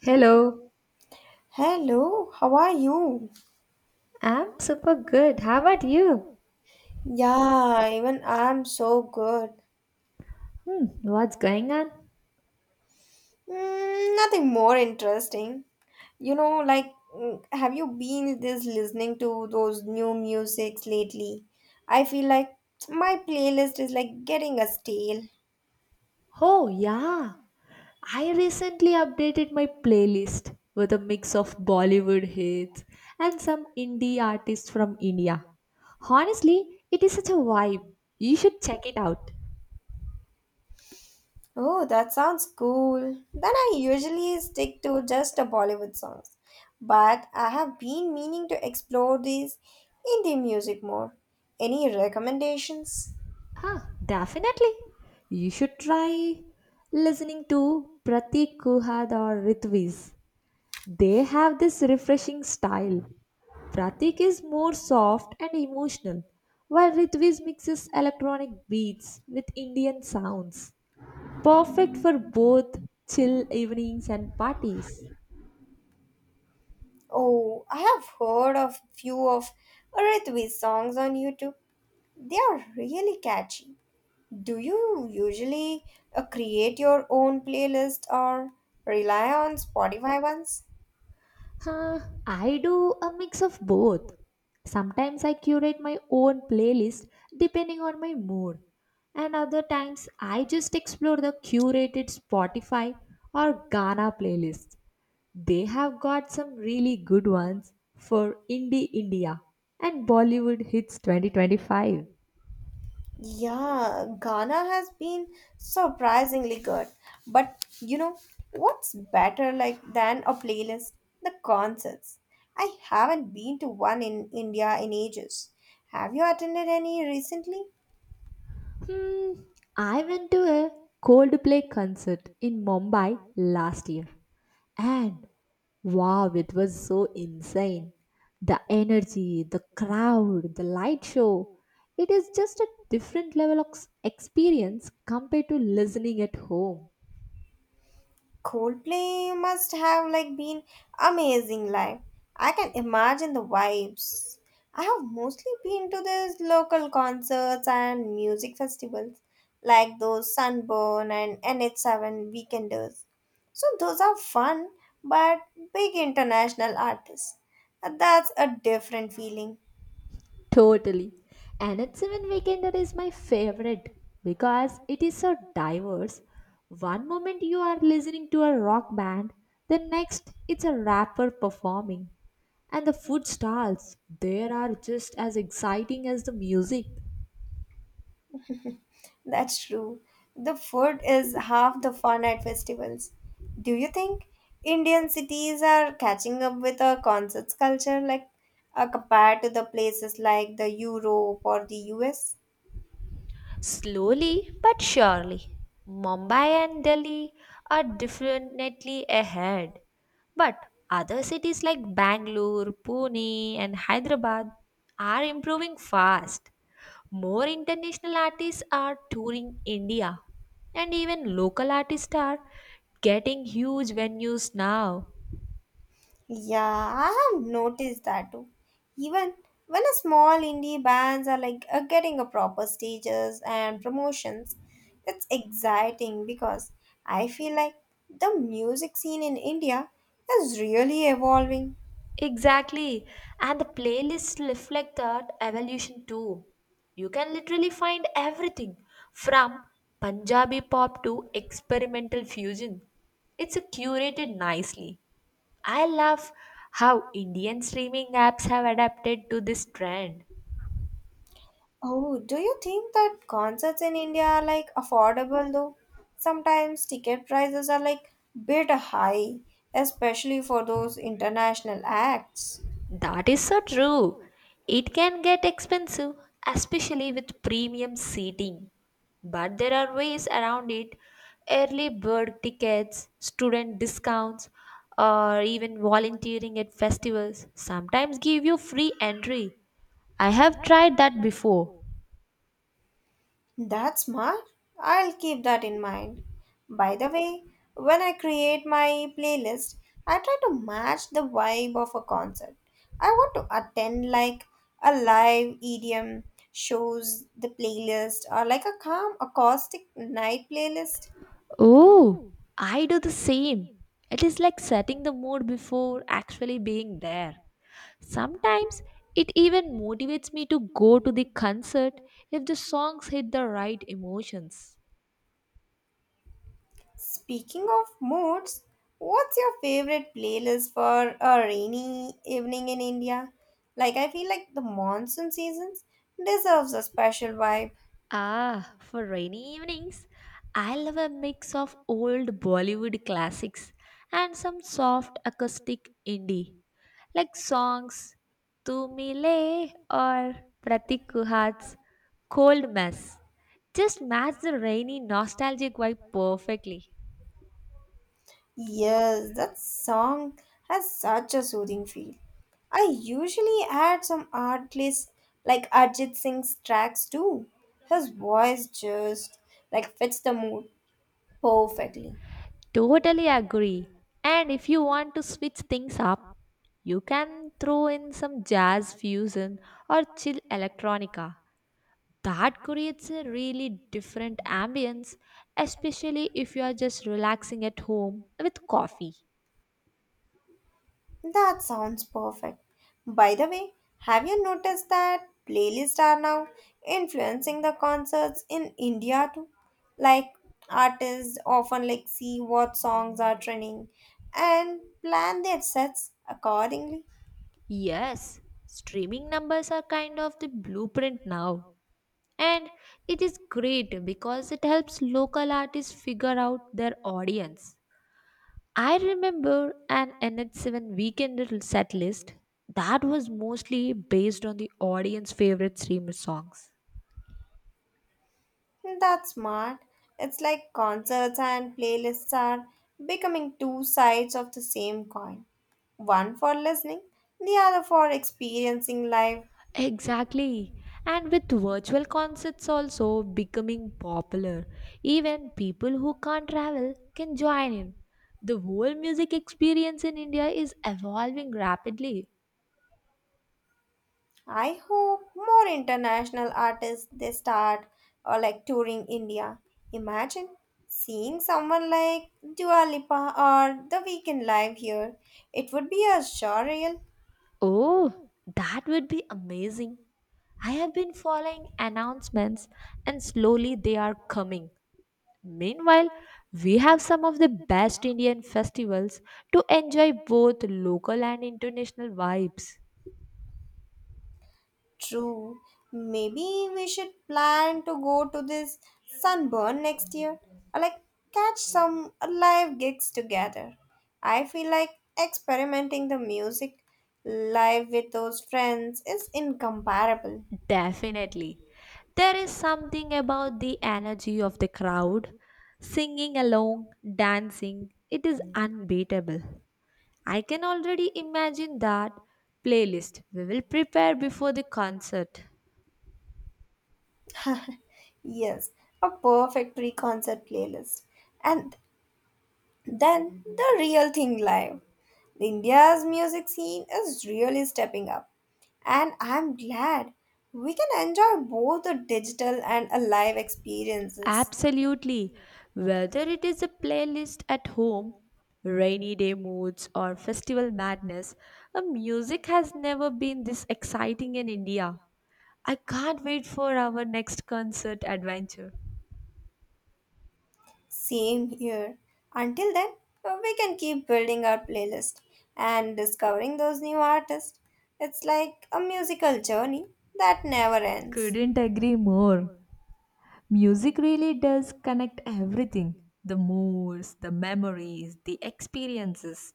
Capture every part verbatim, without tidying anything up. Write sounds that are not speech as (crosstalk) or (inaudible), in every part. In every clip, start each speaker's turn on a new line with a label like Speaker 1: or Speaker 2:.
Speaker 1: Hello,
Speaker 2: Hello, how are you?
Speaker 1: I'm super good. How about you?
Speaker 2: Yeah, even I'm so good.
Speaker 1: Hmm, what's going on?
Speaker 2: Mm, nothing more interesting. You know, like, mm, have you been this listening to those new musics lately? I feel like my playlist is like getting a stale.
Speaker 1: Oh, yeah. I recently updated my playlist with a mix of Bollywood hits and some indie artists from India. Honestly, it is such a vibe. You should check it out.
Speaker 2: Oh, that sounds cool. Then I usually stick to just the Bollywood songs. But I have been meaning to explore these indie music more. Any recommendations?
Speaker 1: Huh, definitely. You should try listening to Pratik Kuhad or Ritviz. They have this refreshing style. Pratik is more soft and emotional, while Ritviz mixes electronic beats with Indian sounds. Perfect for both chill evenings and parties.
Speaker 2: Oh, I have heard of few of Ritvi's songs on YouTube. They are really catchy. Do you usually uh, create your own playlist or rely on Spotify ones?
Speaker 1: Huh, I do a mix of both. Sometimes I curate my own playlist depending on my mood, and other times I just explore the curated Spotify or Ghana playlist. They have got some really good ones for Indie India and Bollywood Hits twenty twenty-five.
Speaker 2: Yeah, Ghana has been surprisingly good. But you know, what's better like than a playlist? The concerts. I haven't been to one in India in ages. Have you attended any recently?
Speaker 1: Hmm, I went to a Coldplay concert in Mumbai last year and wow, it was so insane. The energy, the crowd, the light show. It is just a different level of s- experience compared to listening at home.
Speaker 2: Coldplay must have like been amazing live. I can imagine the vibes. I have mostly been to these local concerts and music festivals like those Sunburn and N H seven Weekenders. So those are fun but big international artists. That's a different feeling.
Speaker 1: Totally. And Anatsevan Weekender is my favorite because it is so diverse. One moment you are listening to a rock band, the next it's a rapper performing. And the food stalls, there are just as exciting as the music.
Speaker 2: That's true. The food is half the fun at festivals. Do you think Indian cities are catching up with a concerts culture like uh, compared to the places like the Europe or the U S?
Speaker 1: Slowly but surely, Mumbai and Delhi are definitely ahead. But other cities like Bangalore, Pune, and Hyderabad are improving fast. More international artists are touring India, and even local artists are getting huge venues now.
Speaker 2: Yeah, I have noticed that too. Even when a small indie bands are like uh, getting a proper stages and promotions, it's exciting because I feel like the music scene in India is really evolving.
Speaker 1: Exactly. And the playlists reflect that evolution too. You can literally find everything from Punjabi pop to experimental fusion. It's a curated nicely. I love how Indian streaming apps have adapted to this trend.
Speaker 2: Oh, do you think that concerts in India are like affordable though? Sometimes ticket prices are like bit high, especially for those international acts.
Speaker 1: That is so true. It can get expensive, especially with premium seating. But there are ways around it: early bird tickets, student discounts, or even volunteering at festivals sometimes give you free entry. I have tried that before.
Speaker 2: That's smart. I'll keep that in mind. By the way, when I create my playlist, I try to match the vibe of a concert. I want to attend like a live E D M shows the playlist or like a calm acoustic night playlist.
Speaker 1: Oh, I do the same. It is like setting the mood before actually being there. Sometimes it even motivates me to go to the concert if the songs hit the right emotions.
Speaker 2: Speaking of moods, what's your favorite playlist for a rainy evening in India? Like, I feel like the monsoon seasons deserves a special vibe.
Speaker 1: Ah, for rainy evenings, I love a mix of old Bollywood classics and some soft acoustic indie, like songs Tu Mile or Pratik Kuhad's Cold Mess. Just match the rainy nostalgic vibe perfectly.
Speaker 2: Yes, that song has such a soothing feel. I usually add some artists like Arjit Singh's tracks too. His voice just like fits the mood perfectly.
Speaker 1: Totally agree. And if you want to switch things up, you can throw in some jazz fusion or chill electronica. That creates a really different ambience, especially if you are just relaxing at home with coffee.
Speaker 2: That sounds perfect. By the way, have you noticed that playlists are now influencing the concerts in India too? Like artists often like see what songs are trending and plan their sets accordingly.
Speaker 1: Yes, streaming numbers are kind of the blueprint now. And it is great because it helps local artists figure out their audience. I remember an N H seven weekend set list that was mostly based on the audience favorite streamer songs.
Speaker 2: That's smart. It's like concerts and playlists are becoming two sides of the same coin. One for listening, the other for experiencing live.
Speaker 1: Exactly. And with virtual concerts also becoming popular, even people who can't travel can join in. The whole music experience in India is evolving rapidly.
Speaker 2: I hope more international artists they start or like touring India. Imagine seeing someone like Dua Lipa or The Weeknd live here. It would be a surreal.
Speaker 1: Oh, that would be amazing. I have been following announcements and slowly they are coming. Meanwhile, we have some of the best Indian festivals to enjoy both local and international vibes.
Speaker 2: True. Maybe we should plan to go to this sunburn next year or like catch some live gigs together. I feel like experimenting the music live with those friends is incomparable.
Speaker 1: Definitely. There is something about the energy of the crowd. Singing along, dancing, it is unbeatable. I can already imagine that playlist we will prepare before the concert.
Speaker 2: (laughs) Yes, a perfect pre concert playlist. And then the real thing live. India's music scene is really stepping up. And I'm glad we can enjoy both the digital and a live experiences.
Speaker 1: Absolutely. Whether it is a playlist at home, rainy day moods, or festival madness, a music has never been this exciting in India. I can't wait for our next concert adventure.
Speaker 2: Same here. Until then, we can keep building our playlist and discovering those new artists. It's like a musical journey that never ends.
Speaker 1: Couldn't agree more. Music really does connect everything: the moods, the memories, the experiences.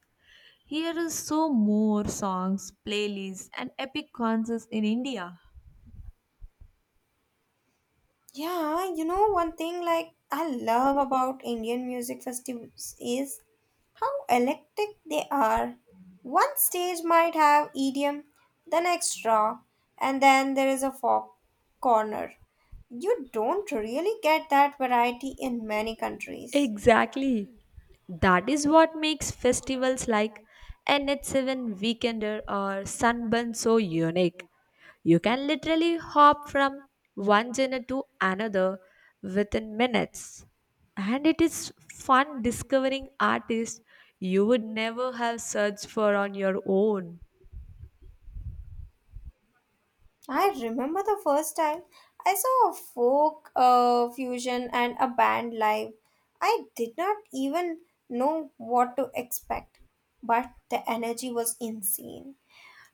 Speaker 1: Here is so more songs, playlists, and epic concerts in India.
Speaker 2: Yeah, you know, one thing like I love about Indian music festivals is how electric they are. One stage might have E D M, the next rock, and then there is a folk corner. You don't really get that variety in many countries.
Speaker 1: Exactly. That is what makes festivals like N H seven Weekender or Sunburn so unique. You can literally hop from one genre to another within minutes. And it is fun discovering artists you would never have searched for on your own.
Speaker 2: I remember the first time I saw a folk uh, fusion and a band live. I did not even know what to expect, but the energy was insane.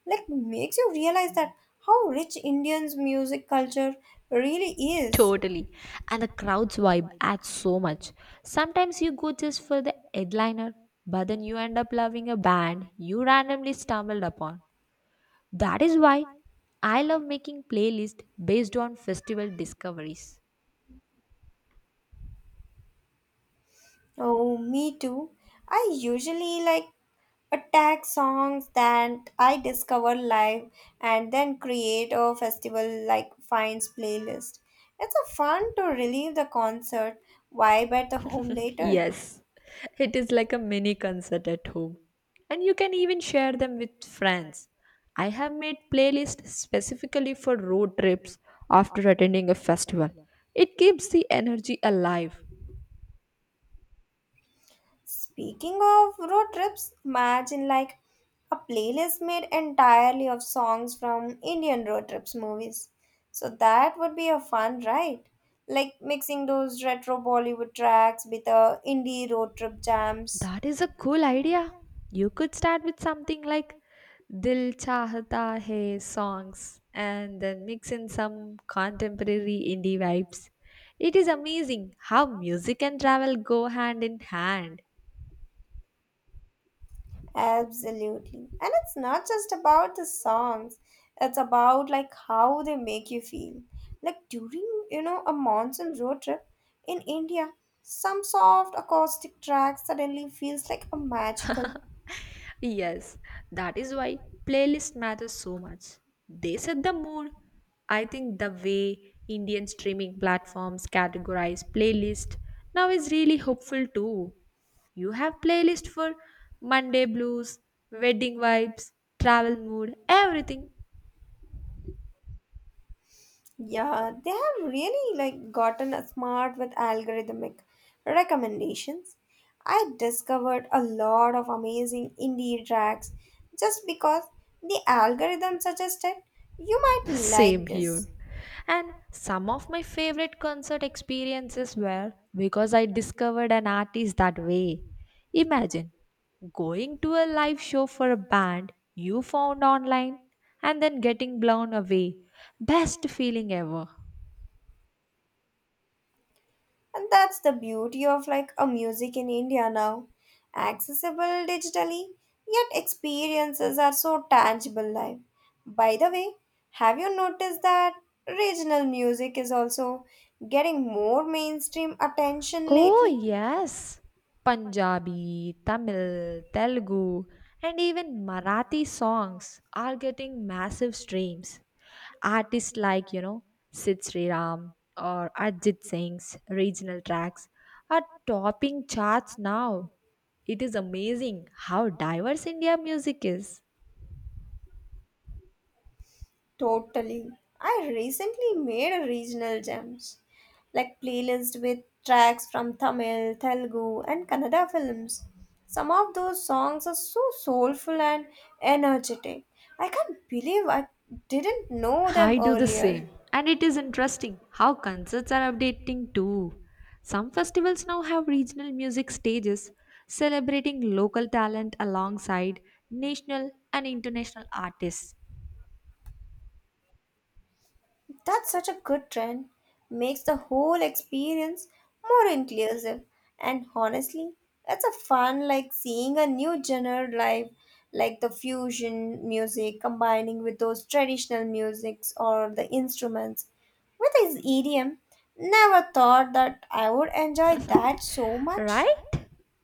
Speaker 2: Like makes you realize that how rich Indians music culture really is.
Speaker 1: Totally. And the crowd's vibe adds so much. Sometimes you go just for the headliner, but then you end up loving a band you randomly stumbled upon. That is why I love making playlists based on festival discoveries.
Speaker 2: Oh, me too. I usually like attack songs that I discover live and then create a festival like finds playlist. It's a fun to relive the concert vibe at the home later.
Speaker 1: Yes, it is like a mini concert at home. And you can even share them with friends. I have made playlists specifically for road trips after attending a festival. It keeps the energy alive.
Speaker 2: Speaking of road trips, imagine like a playlist made entirely of songs from Indian road trips movies. So that would be a fun ride. Like mixing those retro Bollywood tracks with the indie road trip jams.
Speaker 1: That is a cool idea. You could start with something like Dil Chahta Hai songs and then mix in some contemporary indie vibes. It is amazing how music and travel go hand in hand.
Speaker 2: Absolutely. And it's not just about the songs. It's about like how they make you feel. Like during, you know, a monsoon road trip in India, some soft acoustic tracks suddenly feels like a magical.
Speaker 1: Yes, that is why playlist matters so much. They set the mood. I think the way Indian streaming platforms categorize playlist now is really hopeful too. You have playlist for Monday blues, wedding vibes, travel mood, everything.
Speaker 2: Yeah, they have really like gotten smart with algorithmic recommendations. I discovered a lot of amazing indie tracks just because the algorithm suggested you might like
Speaker 1: Same here.
Speaker 2: this.
Speaker 1: And some of my favorite concert experiences were because I discovered an artist that way. Imagine going to a live show for a band you found online and then getting blown away. Best feeling ever.
Speaker 2: And that's the beauty of like a music in India now. Accessible digitally, yet experiences are so tangible live. By the way, have you noticed that regional music is also getting more mainstream attention
Speaker 1: Oh,
Speaker 2: lately?
Speaker 1: yes. Punjabi, Tamil, Telugu, and even Marathi songs are getting massive streams. Artists like, you know, Sid Sriram or Ajit Singh's regional tracks are topping charts now. It is amazing how diverse India music is.
Speaker 2: Totally. I recently made a regional gems, like playlist with tracks from Tamil, Telugu, and Kannada films. Some of those songs are so soulful and energetic. I can't believe I didn't know them
Speaker 1: I do the
Speaker 2: earlier.
Speaker 1: same. And it is interesting how concerts are updating too. Some festivals now have regional music stages celebrating local talent alongside national and international artists.
Speaker 2: That's such a good trend. Makes the whole experience more inclusive. And honestly, it's a fun like seeing a new genre live, like the fusion music combining with those traditional musics or the instruments. With his idiom, never thought that I would enjoy that so much.
Speaker 1: Right?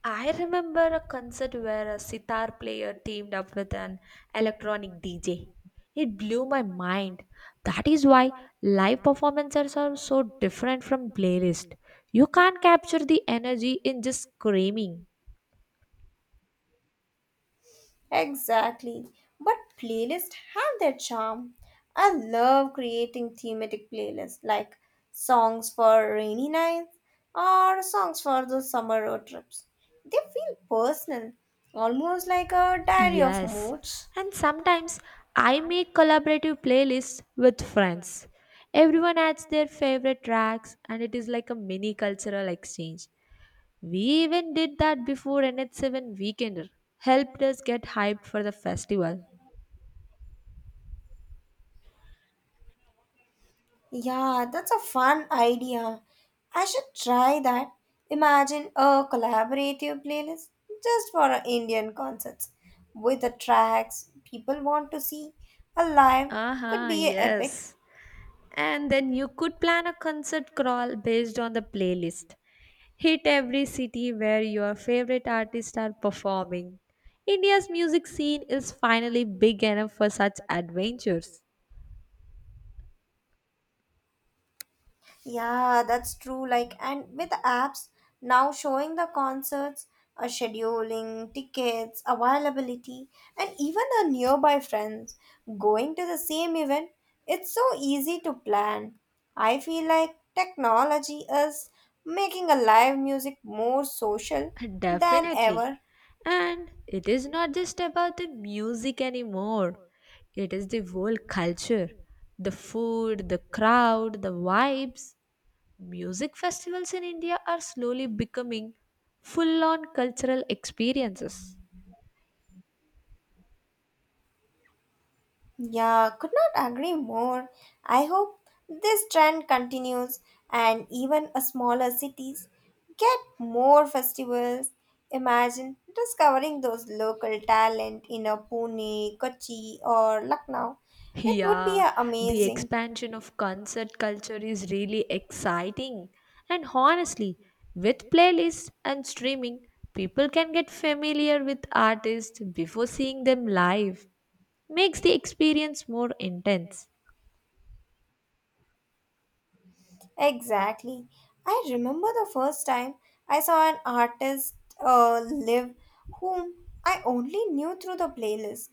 Speaker 1: I remember a concert where a sitar player teamed up with an electronic D J. It blew my mind. That is why live performances are so different from playlist. You can't capture the energy in just screaming.
Speaker 2: Exactly. But playlists have their charm. I love creating thematic playlists like songs for rainy nights or songs for the summer road trips. They feel personal, almost like a diary of
Speaker 1: Yes,
Speaker 2: moods.
Speaker 1: and sometimes I make collaborative playlists with friends. Everyone adds their favorite tracks, and it is like a mini cultural exchange. We even did that before N H seven Weekender, helped us get hyped for the festival.
Speaker 2: Yeah, that's a fun idea. I should try that. Imagine a collaborative playlist just for our Indian concerts with the tracks people want to see. A live could
Speaker 1: Aha,
Speaker 2: be epic.
Speaker 1: yes. And then you could plan a concert crawl based on the playlist. Hit every city where your favorite artists are performing. India's music scene is finally big enough for such adventures.
Speaker 2: Yeah, that's true. Like, and with apps now showing the concerts, uh, scheduling, tickets, availability, and even the nearby friends going to the same event, it's so easy to plan. I feel like technology is making a live music more social than
Speaker 1: Definitely.
Speaker 2: ever.
Speaker 1: And it is not just about the music anymore, it is the whole culture: the food, the crowd, the vibes. Music festivals in India are slowly becoming full on cultural experiences.
Speaker 2: Yeah, could not agree more. I hope this trend continues and even a smaller cities get more festivals. Imagine discovering those local talent in a Pune, Kochi or Lucknow. It would be
Speaker 1: Yeah,
Speaker 2: uh,
Speaker 1: the
Speaker 2: amazing.
Speaker 1: expansion of concert culture is really exciting. And honestly, with playlists and streaming, people can get familiar with artists before seeing them live. Makes the experience more intense.
Speaker 2: Exactly. I remember the first time I saw an artist uh, live whom I only knew through the playlist.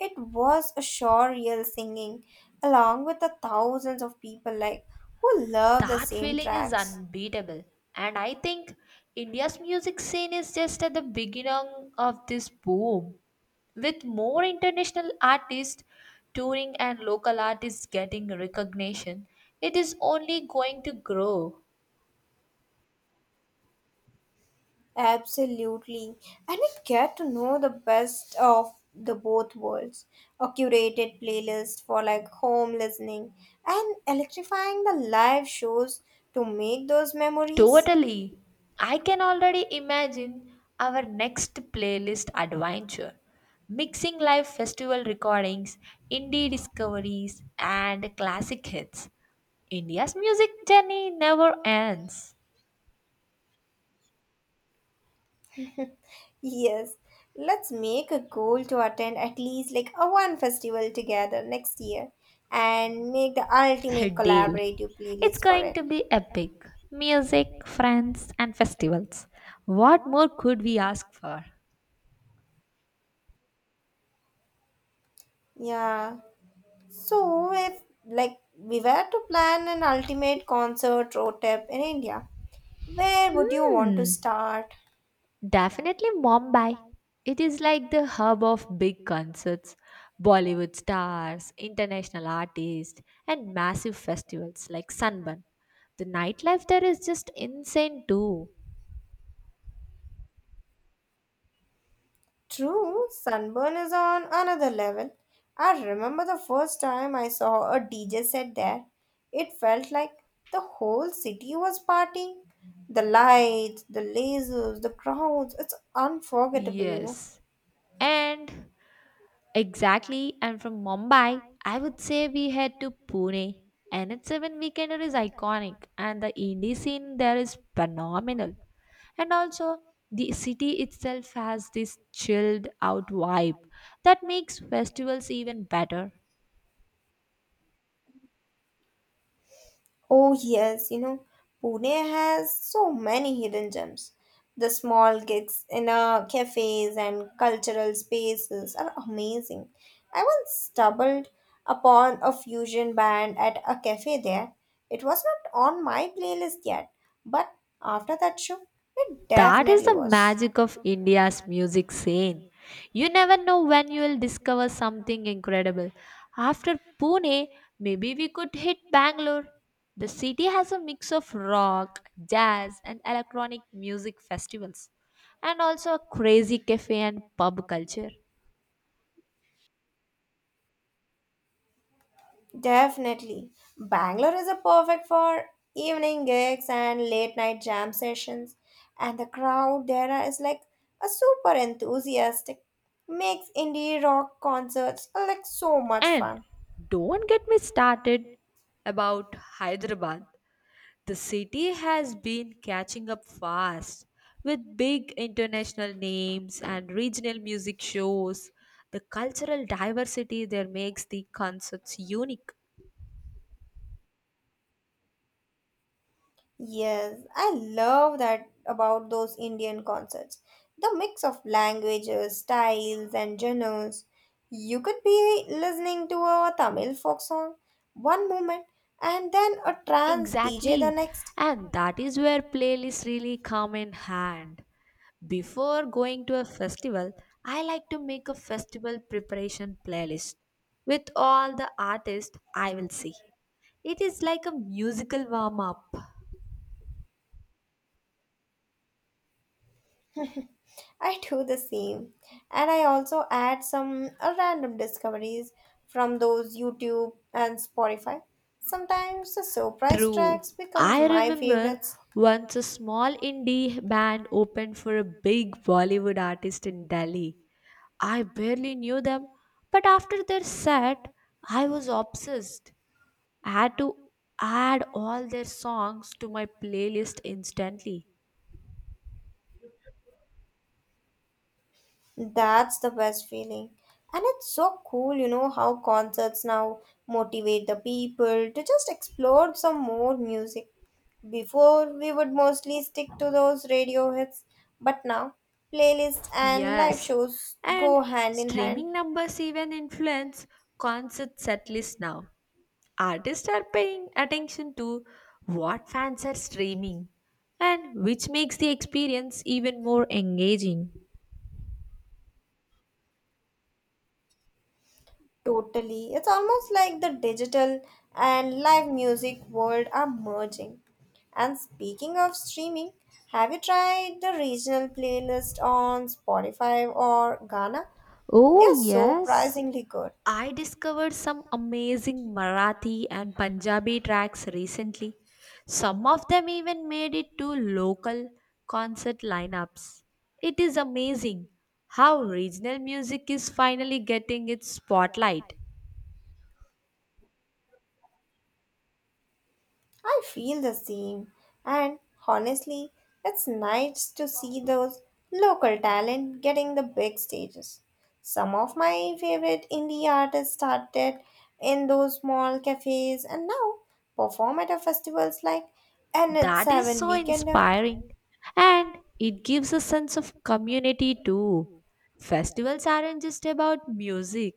Speaker 2: It was a sure real singing along with the thousands of people like who love the
Speaker 1: That
Speaker 2: same
Speaker 1: feeling is
Speaker 2: tracks.
Speaker 1: unbeatable. And I think India's music scene is just at the beginning of this boom, with more international artists touring and local artists getting recognition. It is only going to grow.
Speaker 2: Absolutely. And I get to know the best of the both worlds. A curated playlist for like home listening and electrifying the live shows to make those memories.
Speaker 1: Totally. I can already imagine our next playlist adventure, mixing live festival recordings, indie discoveries, and classic hits. India's music journey never ends.
Speaker 2: Yes, let's make a goal to attend at least like a one festival together next year and make the ultimate
Speaker 1: (laughs) Deal.
Speaker 2: collaborative
Speaker 1: It's
Speaker 2: playlist for
Speaker 1: going
Speaker 2: it.
Speaker 1: to be epic. Music, friends, and festivals. What more could we ask for?
Speaker 2: Yeah. So if like we were to plan an ultimate concert road trip in India, where would you want to
Speaker 1: Hmm.
Speaker 2: start?
Speaker 1: Definitely Mumbai. It is like the hub of big concerts, Bollywood stars, international artists, and massive festivals like Sunburn. The nightlife there is just insane too.
Speaker 2: True, sunburn is on another level. I remember the first time I saw a D J set there. It felt like the whole city was partying. The lights, the lasers, the crowds, it's unforgettable, you know.
Speaker 1: Yes. And Exactly. And from Mumbai, I would say we head to Pune. N H seven Weekender is iconic, and the indie scene there is phenomenal. And also, the city itself has this chilled out vibe that makes festivals even better.
Speaker 2: Oh, yes, you know, Pune has so many hidden gems. The small gigs in uh, cafes and cultural spaces are amazing. I once stumbled upon a fusion band at a cafe there. It was not on my playlist yet, but after that show, it
Speaker 1: That is
Speaker 2: definitely
Speaker 1: the
Speaker 2: was.
Speaker 1: magic of India's music scene. You never know when you will discover something incredible. After Pune, maybe we could hit Bangalore. The city has a mix of rock, jazz, and electronic music festivals, and also a crazy cafe and pub culture.
Speaker 2: Definitely. Bangalore is a perfect for evening gigs and late night jam sessions, and the crowd there is like a super enthusiastic. Makes indie rock concerts like so much
Speaker 1: And
Speaker 2: fun.
Speaker 1: don't get me started about Hyderabad. The city has been catching up fast with big international names and regional music shows. The cultural diversity there makes the concerts unique.
Speaker 2: Yes, I love that about those Indian concerts. The mix of languages, styles, and genres. You could be listening to a Tamil folk song one moment and then a trance D J the
Speaker 1: Exactly.
Speaker 2: next.
Speaker 1: And that is where playlists really come in hand. Before going to a festival, I like to make a festival preparation playlist with all the artists I will see. It is like a musical warm up.
Speaker 2: I do the same. And I also add some uh, random discoveries from those YouTube and Spotify. Sometimes the surprise
Speaker 1: True.
Speaker 2: tracks becomes
Speaker 1: I
Speaker 2: my
Speaker 1: remember
Speaker 2: favorites.
Speaker 1: once a small indie band opened for a big Bollywood artist in Delhi. I barely knew them, but after their set, I was obsessed. I had to add all their songs to my playlist instantly.
Speaker 2: That's the best feeling. And it's so cool, you know, how concerts now motivate the people to just explore some more music. Before, we would mostly stick to those radio hits, but now playlists and live
Speaker 1: Yes,
Speaker 2: shows
Speaker 1: and
Speaker 2: go hand in hand.
Speaker 1: streaming numbers even influence concert setlists now. Artists are paying attention to what fans are streaming, and which makes the experience even more engaging.
Speaker 2: Totally. It's almost like the digital and live music world are merging. And speaking of streaming, have you tried the regional playlist on Spotify or Ghana? They
Speaker 1: Oh,
Speaker 2: are
Speaker 1: yes.
Speaker 2: surprisingly good.
Speaker 1: I discovered some amazing Marathi and Punjabi tracks recently. Some of them even made it to local concert lineups. It is amazing how regional music is finally getting its spotlight.
Speaker 2: I feel the same. And honestly, it's nice to see those local talent getting the big stages. Some of my favorite indie artists started in those small cafes and now perform at a festivals like
Speaker 1: That is
Speaker 2: N seven
Speaker 1: so
Speaker 2: Weekender.
Speaker 1: inspiring. And it gives a sense of community too. Festivals aren't just about music,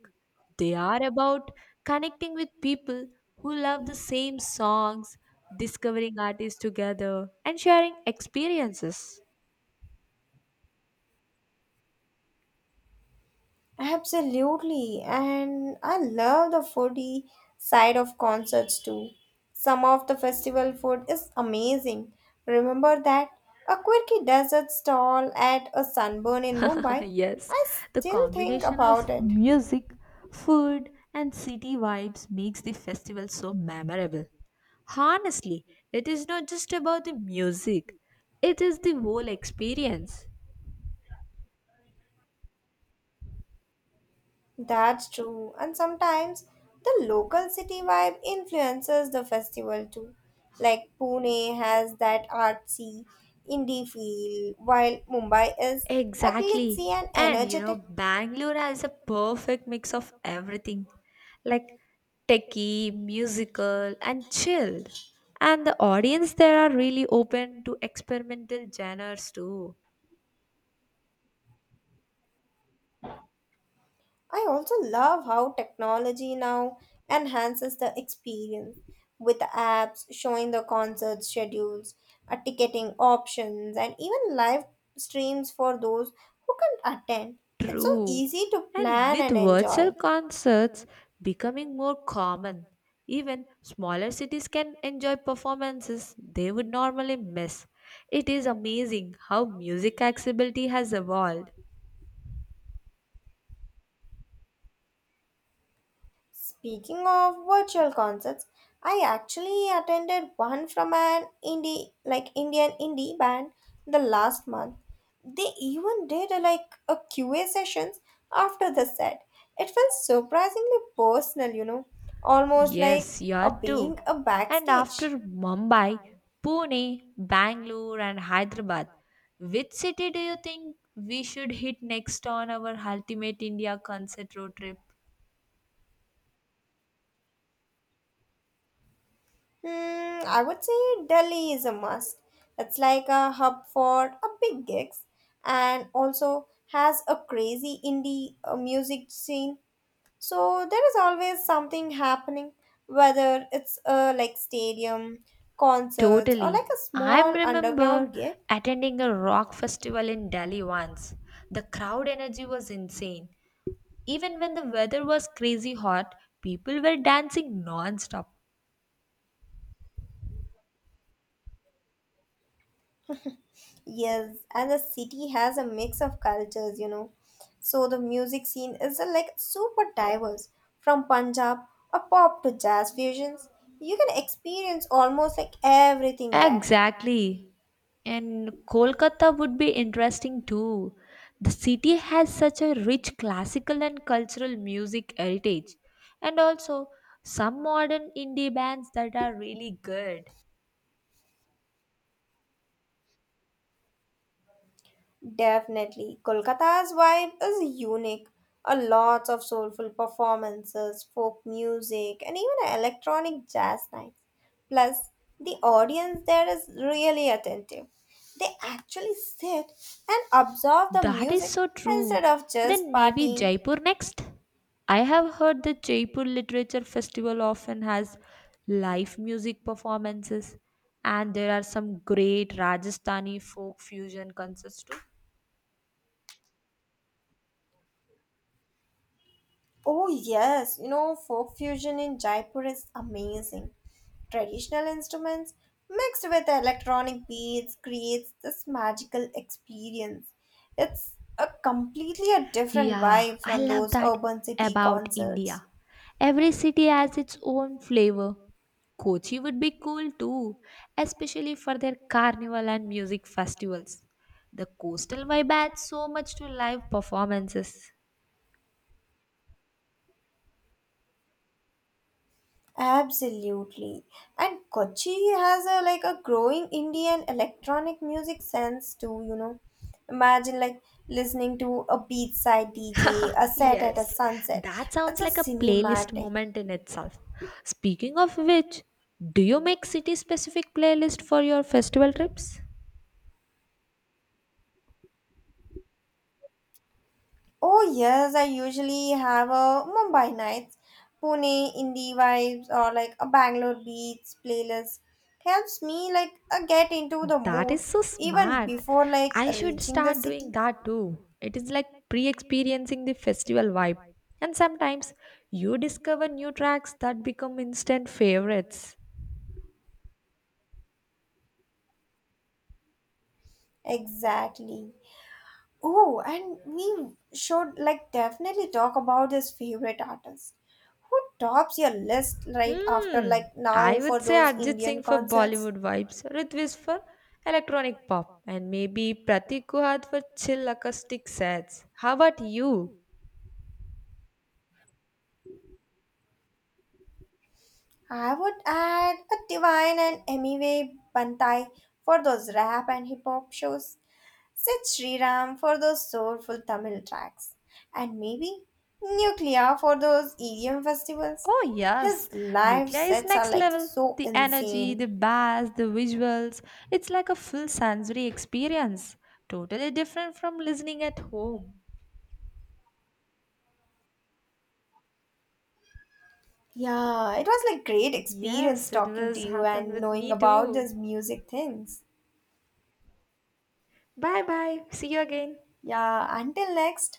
Speaker 1: they are about connecting with people who love the same songs, discovering artists together, and sharing experiences.
Speaker 2: Absolutely, and I love the foodie side of concerts too. Some of the festival food is amazing. Remember that? A quirky desert stall at a sunburn in
Speaker 1: (laughs)
Speaker 2: Mumbai.
Speaker 1: Yes,
Speaker 2: I
Speaker 1: the
Speaker 2: still think
Speaker 1: combination
Speaker 2: about
Speaker 1: of
Speaker 2: it.
Speaker 1: music, food, and city vibes makes the festival so memorable. Honestly, it is not just about the music, it is the whole experience.
Speaker 2: That's true, and sometimes the local city vibe influences the festival too. Like Pune has that artsy indie feel, while Mumbai is a
Speaker 1: Exactly.
Speaker 2: glitzy and
Speaker 1: And you know,
Speaker 2: energetic.
Speaker 1: Bangalore has a perfect mix of everything, like techie, musical, and chilled. And the audience there are really open to experimental genres too.
Speaker 2: I also love how technology now enhances the experience with apps showing the concert schedules, uh, ticketing options, and even live streams for those who can't attend. It's so
Speaker 1: True.
Speaker 2: easy to
Speaker 1: And
Speaker 2: plan
Speaker 1: with
Speaker 2: and
Speaker 1: virtual
Speaker 2: enjoy.
Speaker 1: concerts becoming more common, even smaller cities can enjoy performances they would normally miss. It is amazing how music accessibility has evolved.
Speaker 2: Speaking of virtual concerts, I actually attended one from an indie like Indian indie band the last month. They even did a, like a Q A sessions after the set. It felt surprisingly personal, you know, almost like
Speaker 1: Yes, you
Speaker 2: a
Speaker 1: are too.
Speaker 2: being a
Speaker 1: And after
Speaker 2: backstage.
Speaker 1: Mumbai, Pune, Bangalore, and Hyderabad, which city do you think we should hit next on our Ultimate India concert road trip?
Speaker 2: Hmm, I would say Delhi is a must. It's like a hub for a big gigs and also has a crazy indie uh, music scene. So there is always something happening, whether it's uh, like stadium, concerts, or
Speaker 1: Totally.
Speaker 2: like a
Speaker 1: I
Speaker 2: small underground
Speaker 1: remember
Speaker 2: gig.
Speaker 1: attending a rock festival in Delhi once. The crowd energy was insane. Even when the weather was crazy hot, people were dancing non-stop.
Speaker 2: Yes, and the city has a mix of cultures, you know. So the music scene is uh, like super diverse, from Punjab or pop to jazz fusions. You can experience almost like everything there.
Speaker 1: Exactly. And Kolkata would be interesting too. The city has such a rich classical and cultural music heritage, and also some modern indie bands that are really good.
Speaker 2: Definitely. Kolkata's vibe is unique. A lot of soulful performances, folk music, and even electronic jazz nights. Plus, the audience there is really attentive. They actually sit and absorb the
Speaker 1: That is
Speaker 2: music
Speaker 1: so
Speaker 2: instead
Speaker 1: true.
Speaker 2: of just
Speaker 1: Then maybe
Speaker 2: partying.
Speaker 1: Jaipur next? I have heard the Jaipur Literature Festival often has live music performances, and there are some great Rajasthani folk fusion concerts too.
Speaker 2: Oh, yes, you know, folk fusion in Jaipur is amazing. Traditional instruments mixed with electronic beats creates this magical experience. It's a completely a different
Speaker 1: Yeah,
Speaker 2: vibe
Speaker 1: I
Speaker 2: from
Speaker 1: love
Speaker 2: those
Speaker 1: that
Speaker 2: urban city
Speaker 1: about
Speaker 2: concerts.
Speaker 1: India. Every city has its own flavor. Kochi would be cool too, especially for their carnival and music festivals. The coastal vibe adds so much to live performances.
Speaker 2: Absolutely. And Kochi has a like a growing Indian electronic music sense too, you know. Imagine like listening to a beachside D J, a set at a
Speaker 1: Yes,
Speaker 2: sunset.
Speaker 1: that
Speaker 2: It's
Speaker 1: sounds
Speaker 2: a
Speaker 1: like a playlist
Speaker 2: cinematic.
Speaker 1: moment in itself. Speaking of which, do you make city specific playlist for your festival trips?
Speaker 2: Oh yes, I usually have a Mumbai nights, Pune indie vibes, or like a Bangalore beats playlist. Helps me like uh, get into the
Speaker 1: That
Speaker 2: mood
Speaker 1: is so
Speaker 2: even
Speaker 1: smart.
Speaker 2: before like
Speaker 1: I should
Speaker 2: reaching the
Speaker 1: start doing
Speaker 2: city.
Speaker 1: that too. It is like pre experiencing the festival vibe. And sometimes you discover new tracks that become instant favorites.
Speaker 2: Exactly. Oh, and we should like definitely talk about this favorite artist. Who tops your list right after
Speaker 1: Hmm.
Speaker 2: like
Speaker 1: I
Speaker 2: now for
Speaker 1: would say
Speaker 2: those
Speaker 1: Arjit Singh
Speaker 2: Indian
Speaker 1: for
Speaker 2: concerts?
Speaker 1: Bollywood vibes, Ritwik for electronic pop, and maybe Pratik Guhat for chill acoustic sets. How about you?
Speaker 2: I would add a Divine and Emiway Bantai for those rap and hip hop shows, Sid Sriram for those soulful Tamil tracks, and maybe Nuclear for those E D M festivals.
Speaker 1: Oh, yes.
Speaker 2: His live
Speaker 1: Nuclear is
Speaker 2: sets are
Speaker 1: next
Speaker 2: like
Speaker 1: level.
Speaker 2: so
Speaker 1: The energy, the
Speaker 2: insane.
Speaker 1: bass, the visuals. It's like a full sensory experience. Totally different from listening at home.
Speaker 2: Yeah, it was like great experience
Speaker 1: Yes, it
Speaker 2: talking to
Speaker 1: was
Speaker 2: you
Speaker 1: happened
Speaker 2: and
Speaker 1: with
Speaker 2: knowing
Speaker 1: me
Speaker 2: about
Speaker 1: too.
Speaker 2: these music things.
Speaker 1: Bye bye. See you again.
Speaker 2: Yeah, until next,